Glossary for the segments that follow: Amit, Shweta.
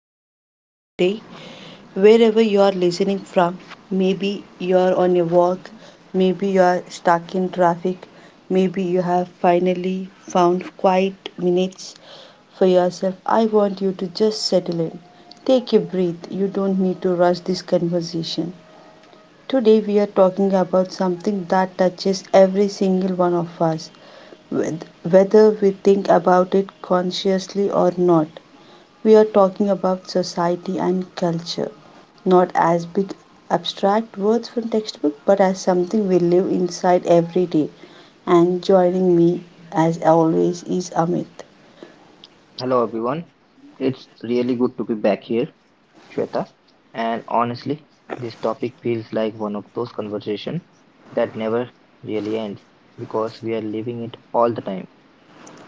here with us today. Wherever you are listening from, maybe you are on a walk, maybe you are stuck in traffic, maybe you have finally found quiet minutes for yourself. I want you to just settle in. Take a breath. You don't need to rush this conversation. Today we are talking about something that touches every single one of us with whether we think about it consciously or not. We are talking about society and culture, not as big abstract words from textbook, but as something we live inside every day. And joining me, as always, is Amit. Hello everyone. It's really good to be back here, Shweta. And honestly, this topic feels like one of those conversations that never really ends because we are living it all the time.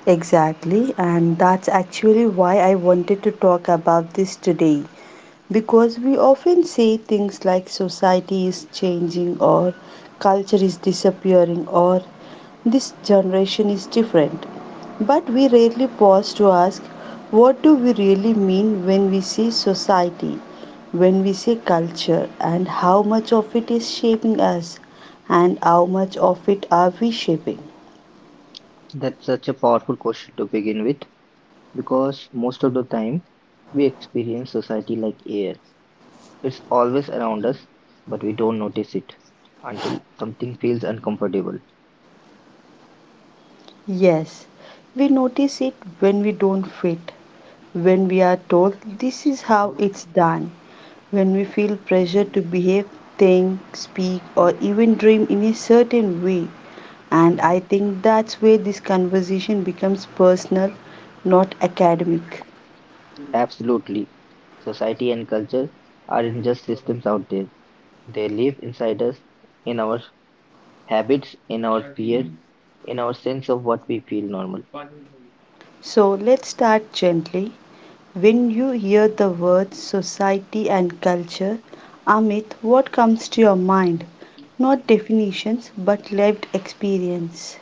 Exactly, and that's actually why I wanted to talk about this today. Because we often say things like society is changing, or culture is disappearing, or this generation is different, but we rarely pause to ask, what do we really mean when we say society, when we say culture, and how much of it is shaping us, and how much of it are we shaping? That's such a powerful question to begin with because most of the time we experience society like air. It's always around us, but we don't notice it until something feels uncomfortable. Yes, we notice it when we don't fit, when we are told this is how it's done, when we feel pressure to behave, think, speak, or even dream in a certain way. And I think that's where this conversation becomes personal, not academic. Absolutely. Society and culture aren't just systems out there. They live inside us, in our habits, in our fear, in our sense of what we feel normal. So let's start gently. When you hear the words society and culture, Amit, what comes to your mind? Not definitions, but lived experience.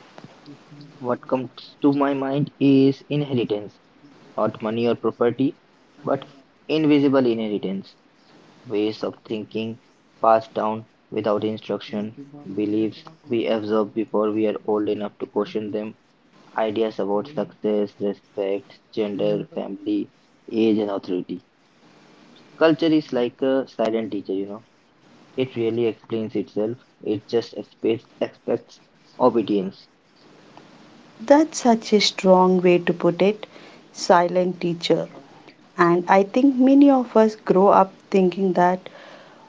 What comes to my mind is inheritance, not money or property, but invisible inheritance, ways of thinking passed down without instruction, beliefs we absorb before we are old enough to question them, ideas about success, respect, gender, family, age, and authority. Culture is like a silent teacher, you know. It really explains itself, it just expects obedience. That's such a strong way to put it, silent teacher. And I think many of us grow up thinking that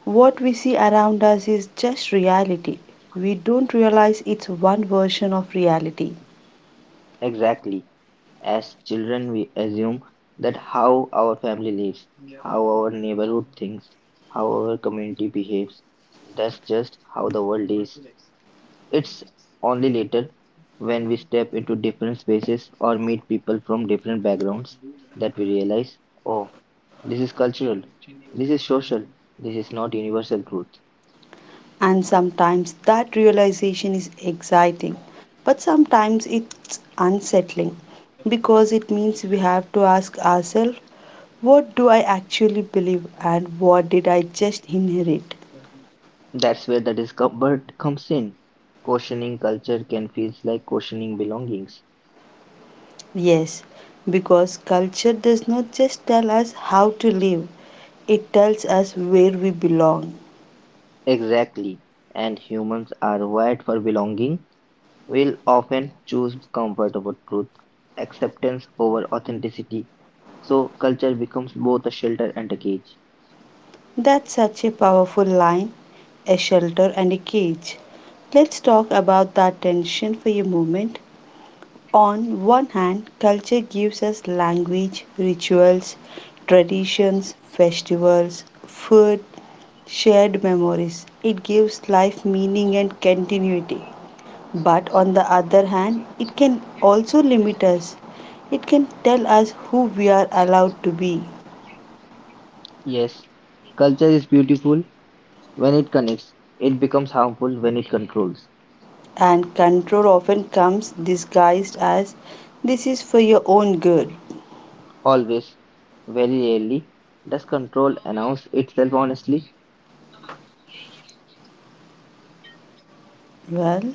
what we see around us is just reality. We don't realize it's one version of reality. Exactly. As children, we assume that how our family lives, yeah, how our neighborhood thinks, how our community behaves, that's just how the world is. It's only later when we step into different spaces or meet people from different backgrounds that we realize, oh, this is cultural, this is social, this is not universal truth. And sometimes that realization is exciting, but sometimes it's unsettling because it means we have to ask ourselves, what do I actually believe and what did I just inherit? That's where the discomfort comes in. Questioning culture can feel like questioning belongings. Yes, because culture does not just tell us how to live, it tells us where we belong. Exactly. And humans are wired for belonging. We'll often choose comfort over truth, acceptance over authenticity. So culture becomes both a shelter and a cage. That's such a powerful line, a shelter and a cage. Let's talk about that tension for a moment. On one hand, culture gives us language, rituals, traditions, festivals, food, shared memories. It gives life meaning and continuity. But on the other hand, it can also limit us. It can tell us who we are allowed to be. Yes, culture is beautiful when it connects. It becomes harmful when it controls. And control often comes disguised as this is for your own good. Always. Very rarely does control announce itself honestly. Well,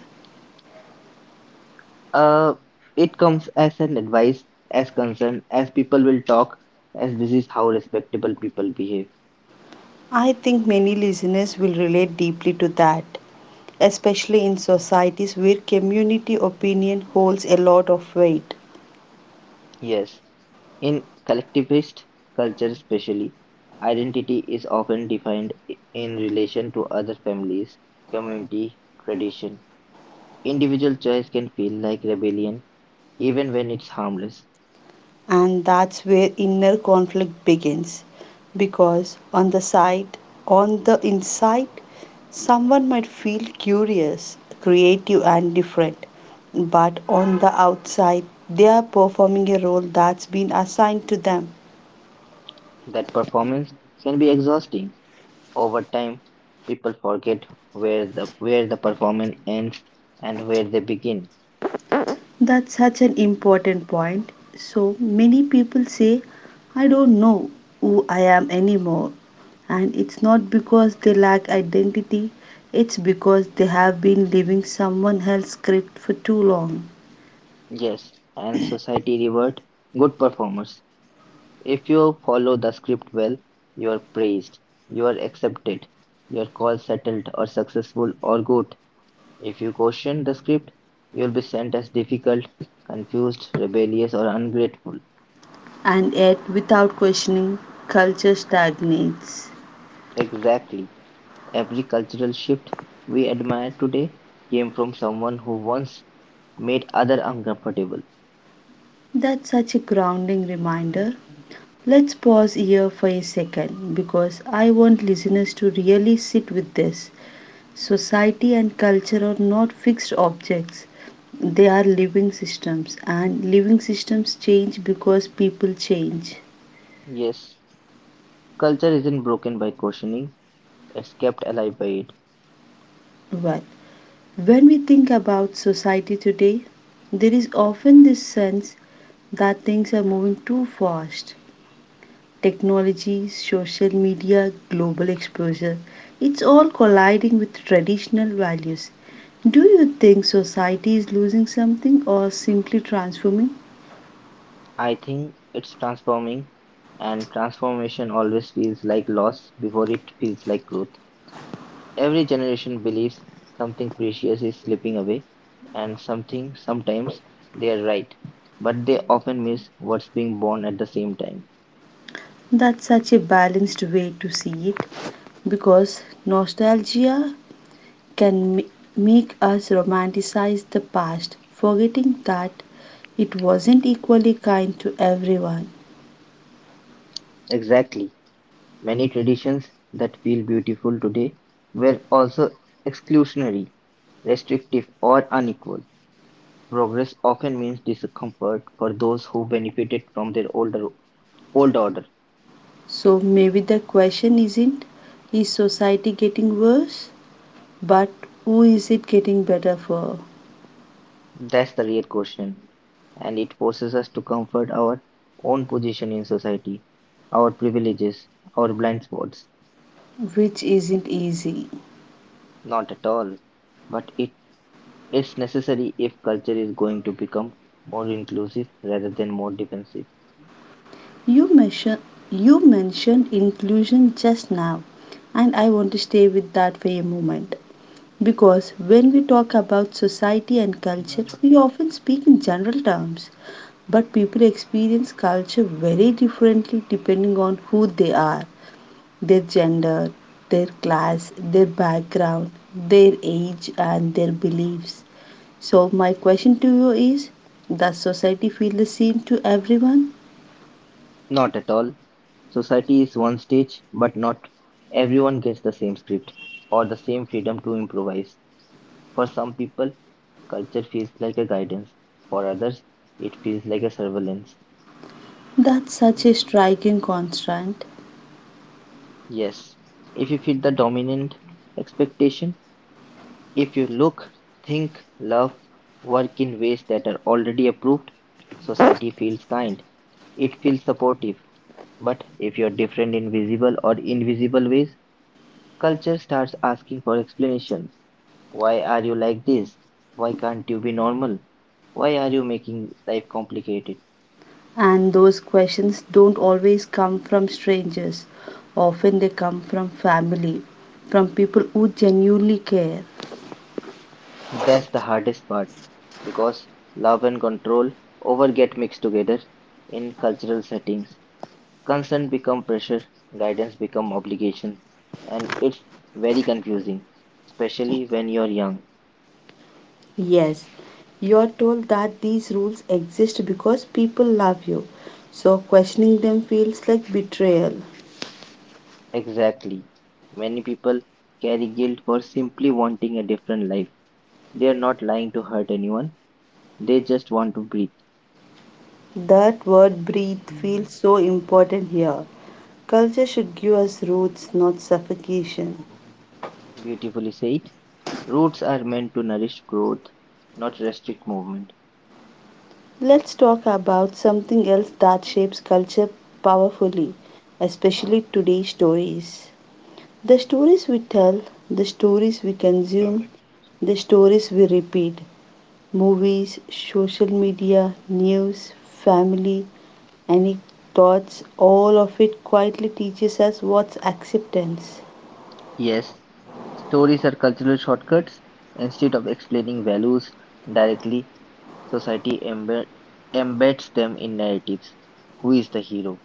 Uh, it comes as an advice, as concern, as people will talk, as this is how respectable people behave. I think many listeners will relate deeply to that, especially in societies where community opinion holds a lot of weight. Yes, in collectivist culture, especially, identity is often defined in relation to other families, community, tradition. Individual choice can feel like rebellion, even when it's harmless. And that's where inner conflict begins, because on the inside someone might feel curious, creative, and different, but on the outside they are performing a role that's been assigned to them. That performance can be exhausting. Over time, people forget where the performance ends and where they begin. That's such an important point. So many people say, I don't know who I am anymore. And it's not because they lack identity, it's because they have been living someone else's script for too long. Yes, and society reward good performers. If you follow the script well, you are praised, you are accepted, your call settled or successful or good. If you question the script, you will be sent as difficult, confused, rebellious, or ungrateful. And yet, without questioning, culture stagnates. Exactly. Every cultural shift we admire today came from someone who once made other uncomfortable. That's such a grounding reminder. Let's pause here for a second because I want listeners to really sit with this. Society and culture are not fixed objects. They are living systems, and living systems change because people change. Yes, culture isn't broken by questioning, it's kept alive by it. Well, when we think about society today, there is often this sense that things are moving too fast. Technology, social media, global exposure, it's all colliding with traditional values. Do you think society is losing something or simply transforming? I think it's transforming, and transformation always feels like loss before it feels like growth. Every generation believes something precious is slipping away, and something sometimes they are right, but they often miss what's being born at the same time. That's such a balanced way to see it, because nostalgia can ma- make us romanticize the past, forgetting that it wasn't equally kind to everyone. Exactly. Many traditions that feel beautiful today were also exclusionary, restrictive, or unequal. Progress often means discomfort for those who benefited from their older old order. So maybe the question isn't, is society getting worse, but who is it getting better for? That's the real question. And it forces us to comfort our own position in society, our privileges, our blind spots. Which isn't easy. Not at all. But it is necessary if culture is going to become more inclusive rather than more defensive. You mention you mentioned inclusion just now, and I want to stay with that for a moment. Because when we talk about society and culture, we often speak in general terms, but people experience culture very differently depending on who they are, their gender, their class, their background, their age, and their beliefs. So, my question to you is, does society feel the same to everyone? Not at all. Society is one stage, but not everyone gets the same script or the same freedom to improvise. For some people, culture feels like a guidance. For others, it feels like a surveillance. That's such a striking constant. Yes, if you fit the dominant expectation, if you look, think, love, work in ways that are already approved, society feels kind. It feels supportive. But if you're different in visible or invisible ways, culture starts asking for explanation. Why are you like this? Why can't you be normal? Why are you making life complicated? And those questions don't always come from strangers. Often they come from family, from people who genuinely care. That's the hardest part because love and control over get mixed together in cultural settings. Concern become pressure, guidance become obligation, and it's very confusing, especially when you're young. Yes, you're told that these rules exist because people love you, so questioning them feels like betrayal. Exactly. Many people carry guilt for simply wanting a different life. They are not lying to hurt anyone, they just want to breathe. That word breathe feels so important here. Culture should give us roots, not suffocation. Beautifully said. Roots are meant to nourish growth, not restrict movement. Let's talk about something else that shapes culture powerfully, especially today's stories. The stories we tell, the stories we consume, the stories we repeat, movies, social media, news, family, anecdotes, all of it quietly teaches us what's acceptance. Yes, stories are cultural shortcuts. Instead of explaining values directly, society embeds them in narratives: who is the hero,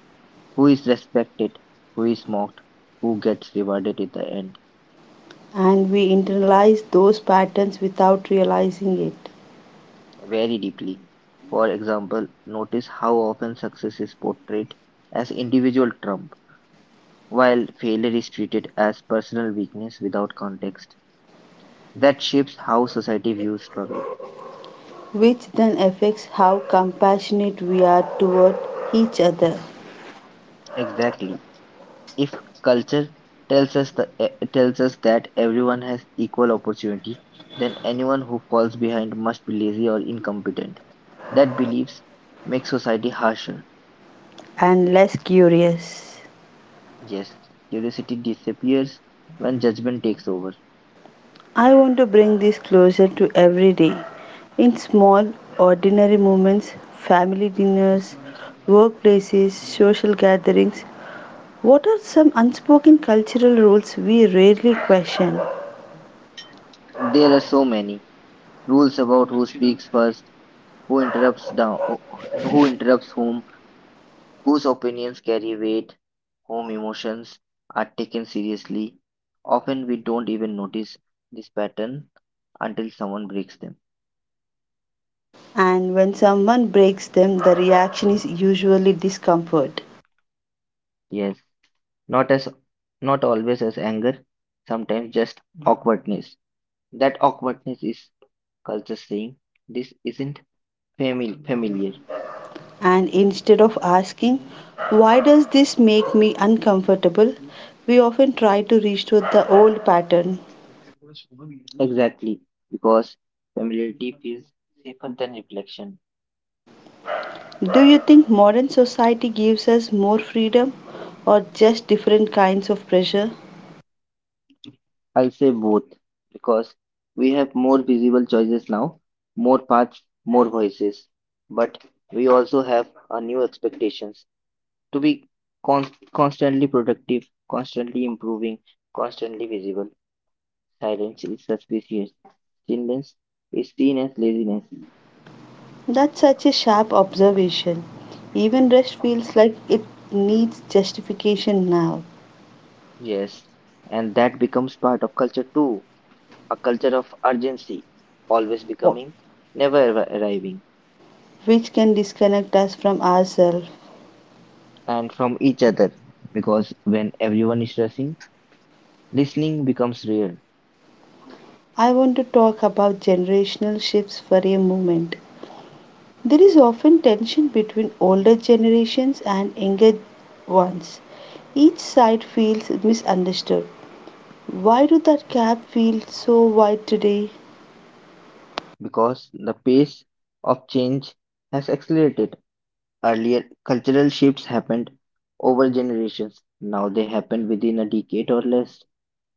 who is respected, who is mocked, who gets rewarded at the end, And we internalize those patterns without realizing it, very deeply. For example, notice how often success is portrayed as individual trump, while failure is treated as personal weakness without context. That shapes how society views struggle. which then affects how compassionate we are toward each other, Exactly. If culture tells us that everyone has equal opportunity, then anyone who falls behind must be lazy or incompetent. That beliefs make society harsher. and less curious. Yes, curiosity disappears when judgment takes over. I want to bring this closer to every day. In small, ordinary moments, family dinners, workplaces, social gatherings, what are some unspoken cultural rules we rarely question? There are so many rules about who speaks first, who interrupts down, who interrupts whom, whose opinions carry weight, whom emotions are taken seriously. Often we don't even notice this pattern until someone breaks them. And when someone breaks them, the reaction is usually discomfort. Yes, not as not always as anger, sometimes just awkwardness. That awkwardness is culture saying this isn't familiar. And instead of asking, why does this make me uncomfortable? We often try to restore the old pattern. Exactly, because familiarity feels safer than reflection. Do you think modern society gives us more freedom or just different kinds of pressure? I'll say both because we have more visible choices now, more paths, more voices, but we also have a new expectations to be constantly productive, constantly improving, constantly visible. Silence is suspicious. Stillness is seen as laziness. That's such a sharp observation. Even rest feels like it needs justification now, Yes, and that becomes part of culture too. A culture of urgency, always becoming, never ever arriving, which can disconnect us from ourselves. and from each other because when everyone is rushing listening becomes rare I want to talk about generational shifts for a moment. There is often tension between older generations and younger ones. Each side feels misunderstood. Why do that gap feel so wide today? because the pace of change has accelerated. Earlier, cultural shifts happened over generations. Now they happen within a decade or less.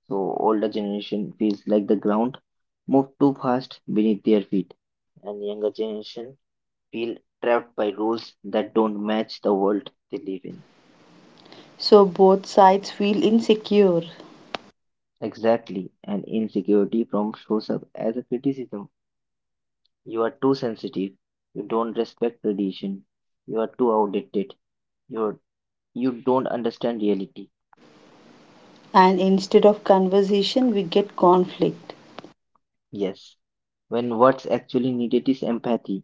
So older generation feels like the ground moved too fast beneath their feet, and younger generation feel trapped by rules that don't match the world they live in. So both sides feel insecure, Exactly, and insecurity from shows up as a criticism. You're too sensitive. You don't respect tradition. You're too outdated. You're you don't understand reality. and instead of conversation, we get conflict. Yes, when what's actually needed is empathy.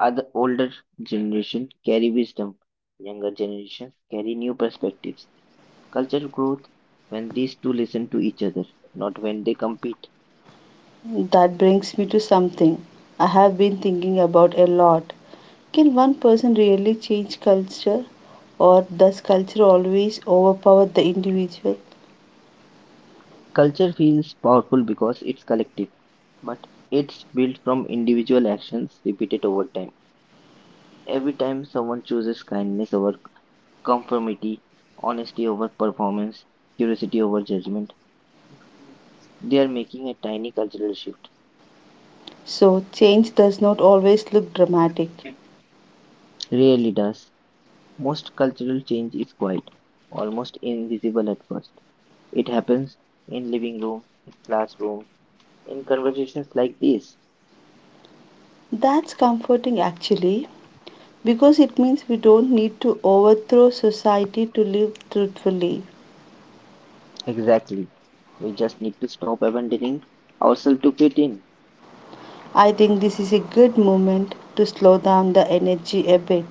Other older generation carry wisdom. Younger generations carry new perspectives. Culture growth when these two listen to each other, not when they compete. That brings me to something I have been thinking about a lot. Can one person really change culture, or does culture always overpower the individual? Culture feels powerful because it's collective, but it's built from individual actions repeated over time. Every time someone chooses kindness over conformity, honesty over performance, curiosity over judgment. They are making a tiny cultural shift. So, change does not always look dramatic. Rarely does. Most cultural change is quiet, almost invisible at first. It happens in living rooms, in classrooms, in conversations like this. That's comforting actually, because it means we don't need to overthrow society to live truthfully. Exactly. We just need to stop abandoning ourselves to fit in. I think this is a good moment to slow down the energy a bit.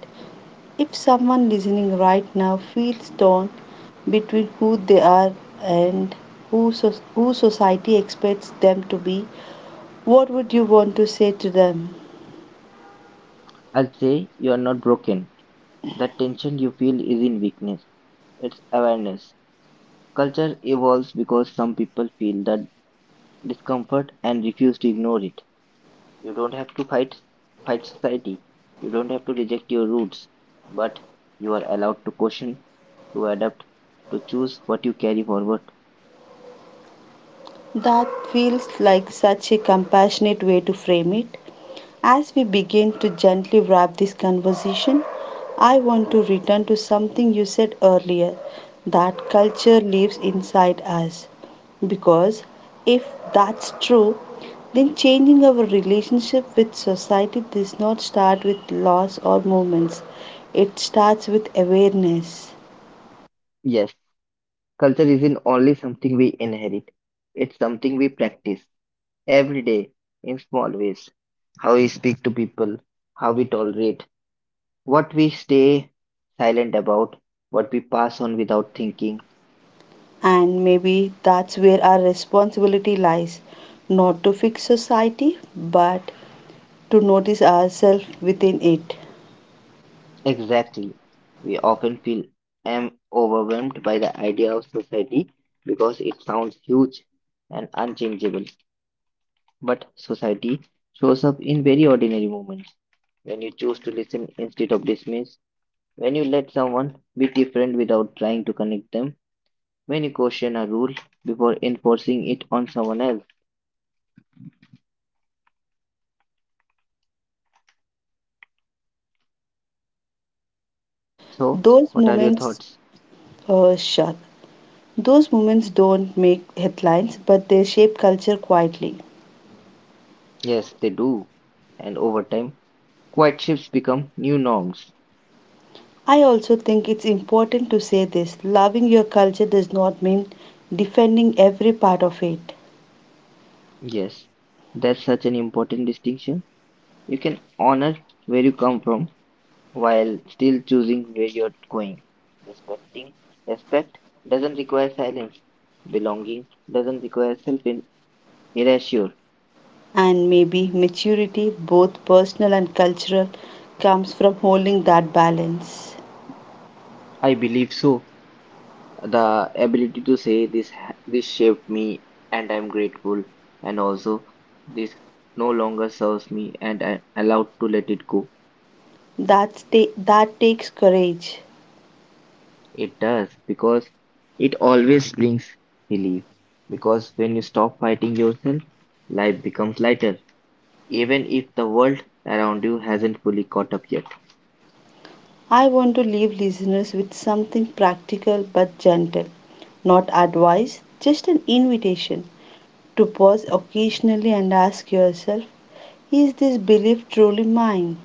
If someone listening right now feels torn between who they are and who society expects them to be, what would you want to say to them? I'll say you are not broken. That tension you feel is in weakness. It's awareness. Culture evolves because some people feel that discomfort and refuse to ignore it. You don't have to fight society. You don't have to reject your roots, but you are allowed to question, to adapt, to choose what you carry forward. That feels like such a compassionate way to frame it. As we begin to gently wrap this conversation, I want to return to something you said earlier, that culture lives inside us. Because if that's true, then changing our relationship with society does not start with laws or movements, it starts with awareness. Yes, culture isn't only something we inherit. It's something we practice every day in small ways. How we speak to people, how we tolerate, what we stay silent about, what we pass on without thinking. And maybe that's where our responsibility lies, not to fix society, but to notice ourselves within it. Exactly. We often feel am overwhelmed by the idea of society because it sounds huge and unchangeable. But society shows up in very ordinary moments. When you choose to listen instead of dismiss, when you let someone be different without trying to connect them, when you question a rule before enforcing it on someone else. So, Those what are your moments, thoughts? Sure, those moments don't make headlines, but they shape culture quietly. Yes, they do. And over time, quiet shifts become new norms. I also think it's important to say this, loving your culture does not mean defending every part of it. Yes, that's such an important distinction. You can honor where you come from while still choosing where you're going. Respecting respect doesn't require silence. Belonging doesn't require self erasure. And maybe maturity, both personal and cultural, comes from holding that balance. I believe so. The ability to say this shaped me and I'm grateful and also this no longer serves me and I'm allowed to let it go. That takes courage. It does because it always brings relief. Because when you stop fighting yourself, life becomes lighter, even if the world around you hasn't fully caught up yet. I want to leave listeners with something practical but gentle, not advice, just an invitation. To pause occasionally and ask yourself, is this belief truly mine?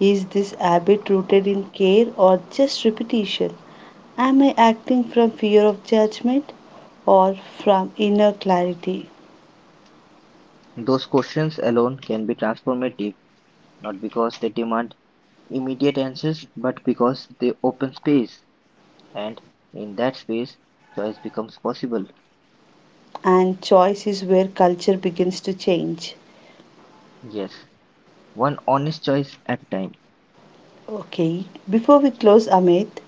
Is this habit rooted in care or just repetition? Am I acting from fear of judgment or from inner clarity? Those questions alone can be transformative, not because they demand immediate answers, but because they open space, and in that space, choice becomes possible. And choice is where culture begins to change. Yes, one honest choice at a time. Okay, before we close, Amit,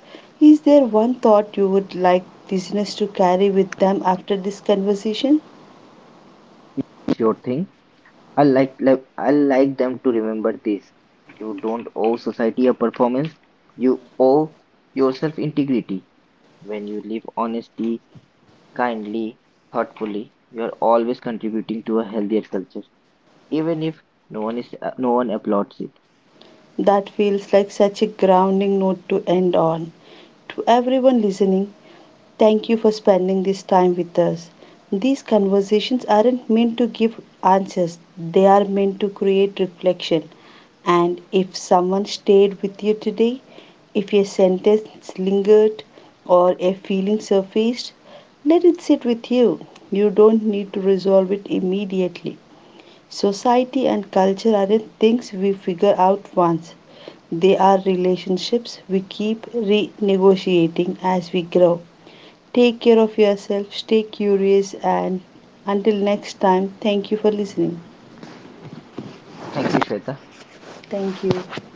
is there one thought you would like listeners to carry with them after this conversation? Sure thing. I like them to remember this. You don't owe society a performance. You owe yourself integrity. When you live honestly, kindly, thoughtfully, you are always contributing to a healthier culture, even if no one applauds it. That feels like such a grounding note to end on. To everyone listening, thank you for spending this time with us. These conversations aren't meant to give answers, they are meant to create reflection. And if someone stayed with you today, if a sentence lingered or a feeling surfaced, let it sit with you. You don't need to resolve it immediately. Society and culture aren't things we figure out once. They are relationships we keep renegotiating as we grow. Take care of yourself, stay curious, and until next time, thank you for listening. Thank you, Shweta. Thank you.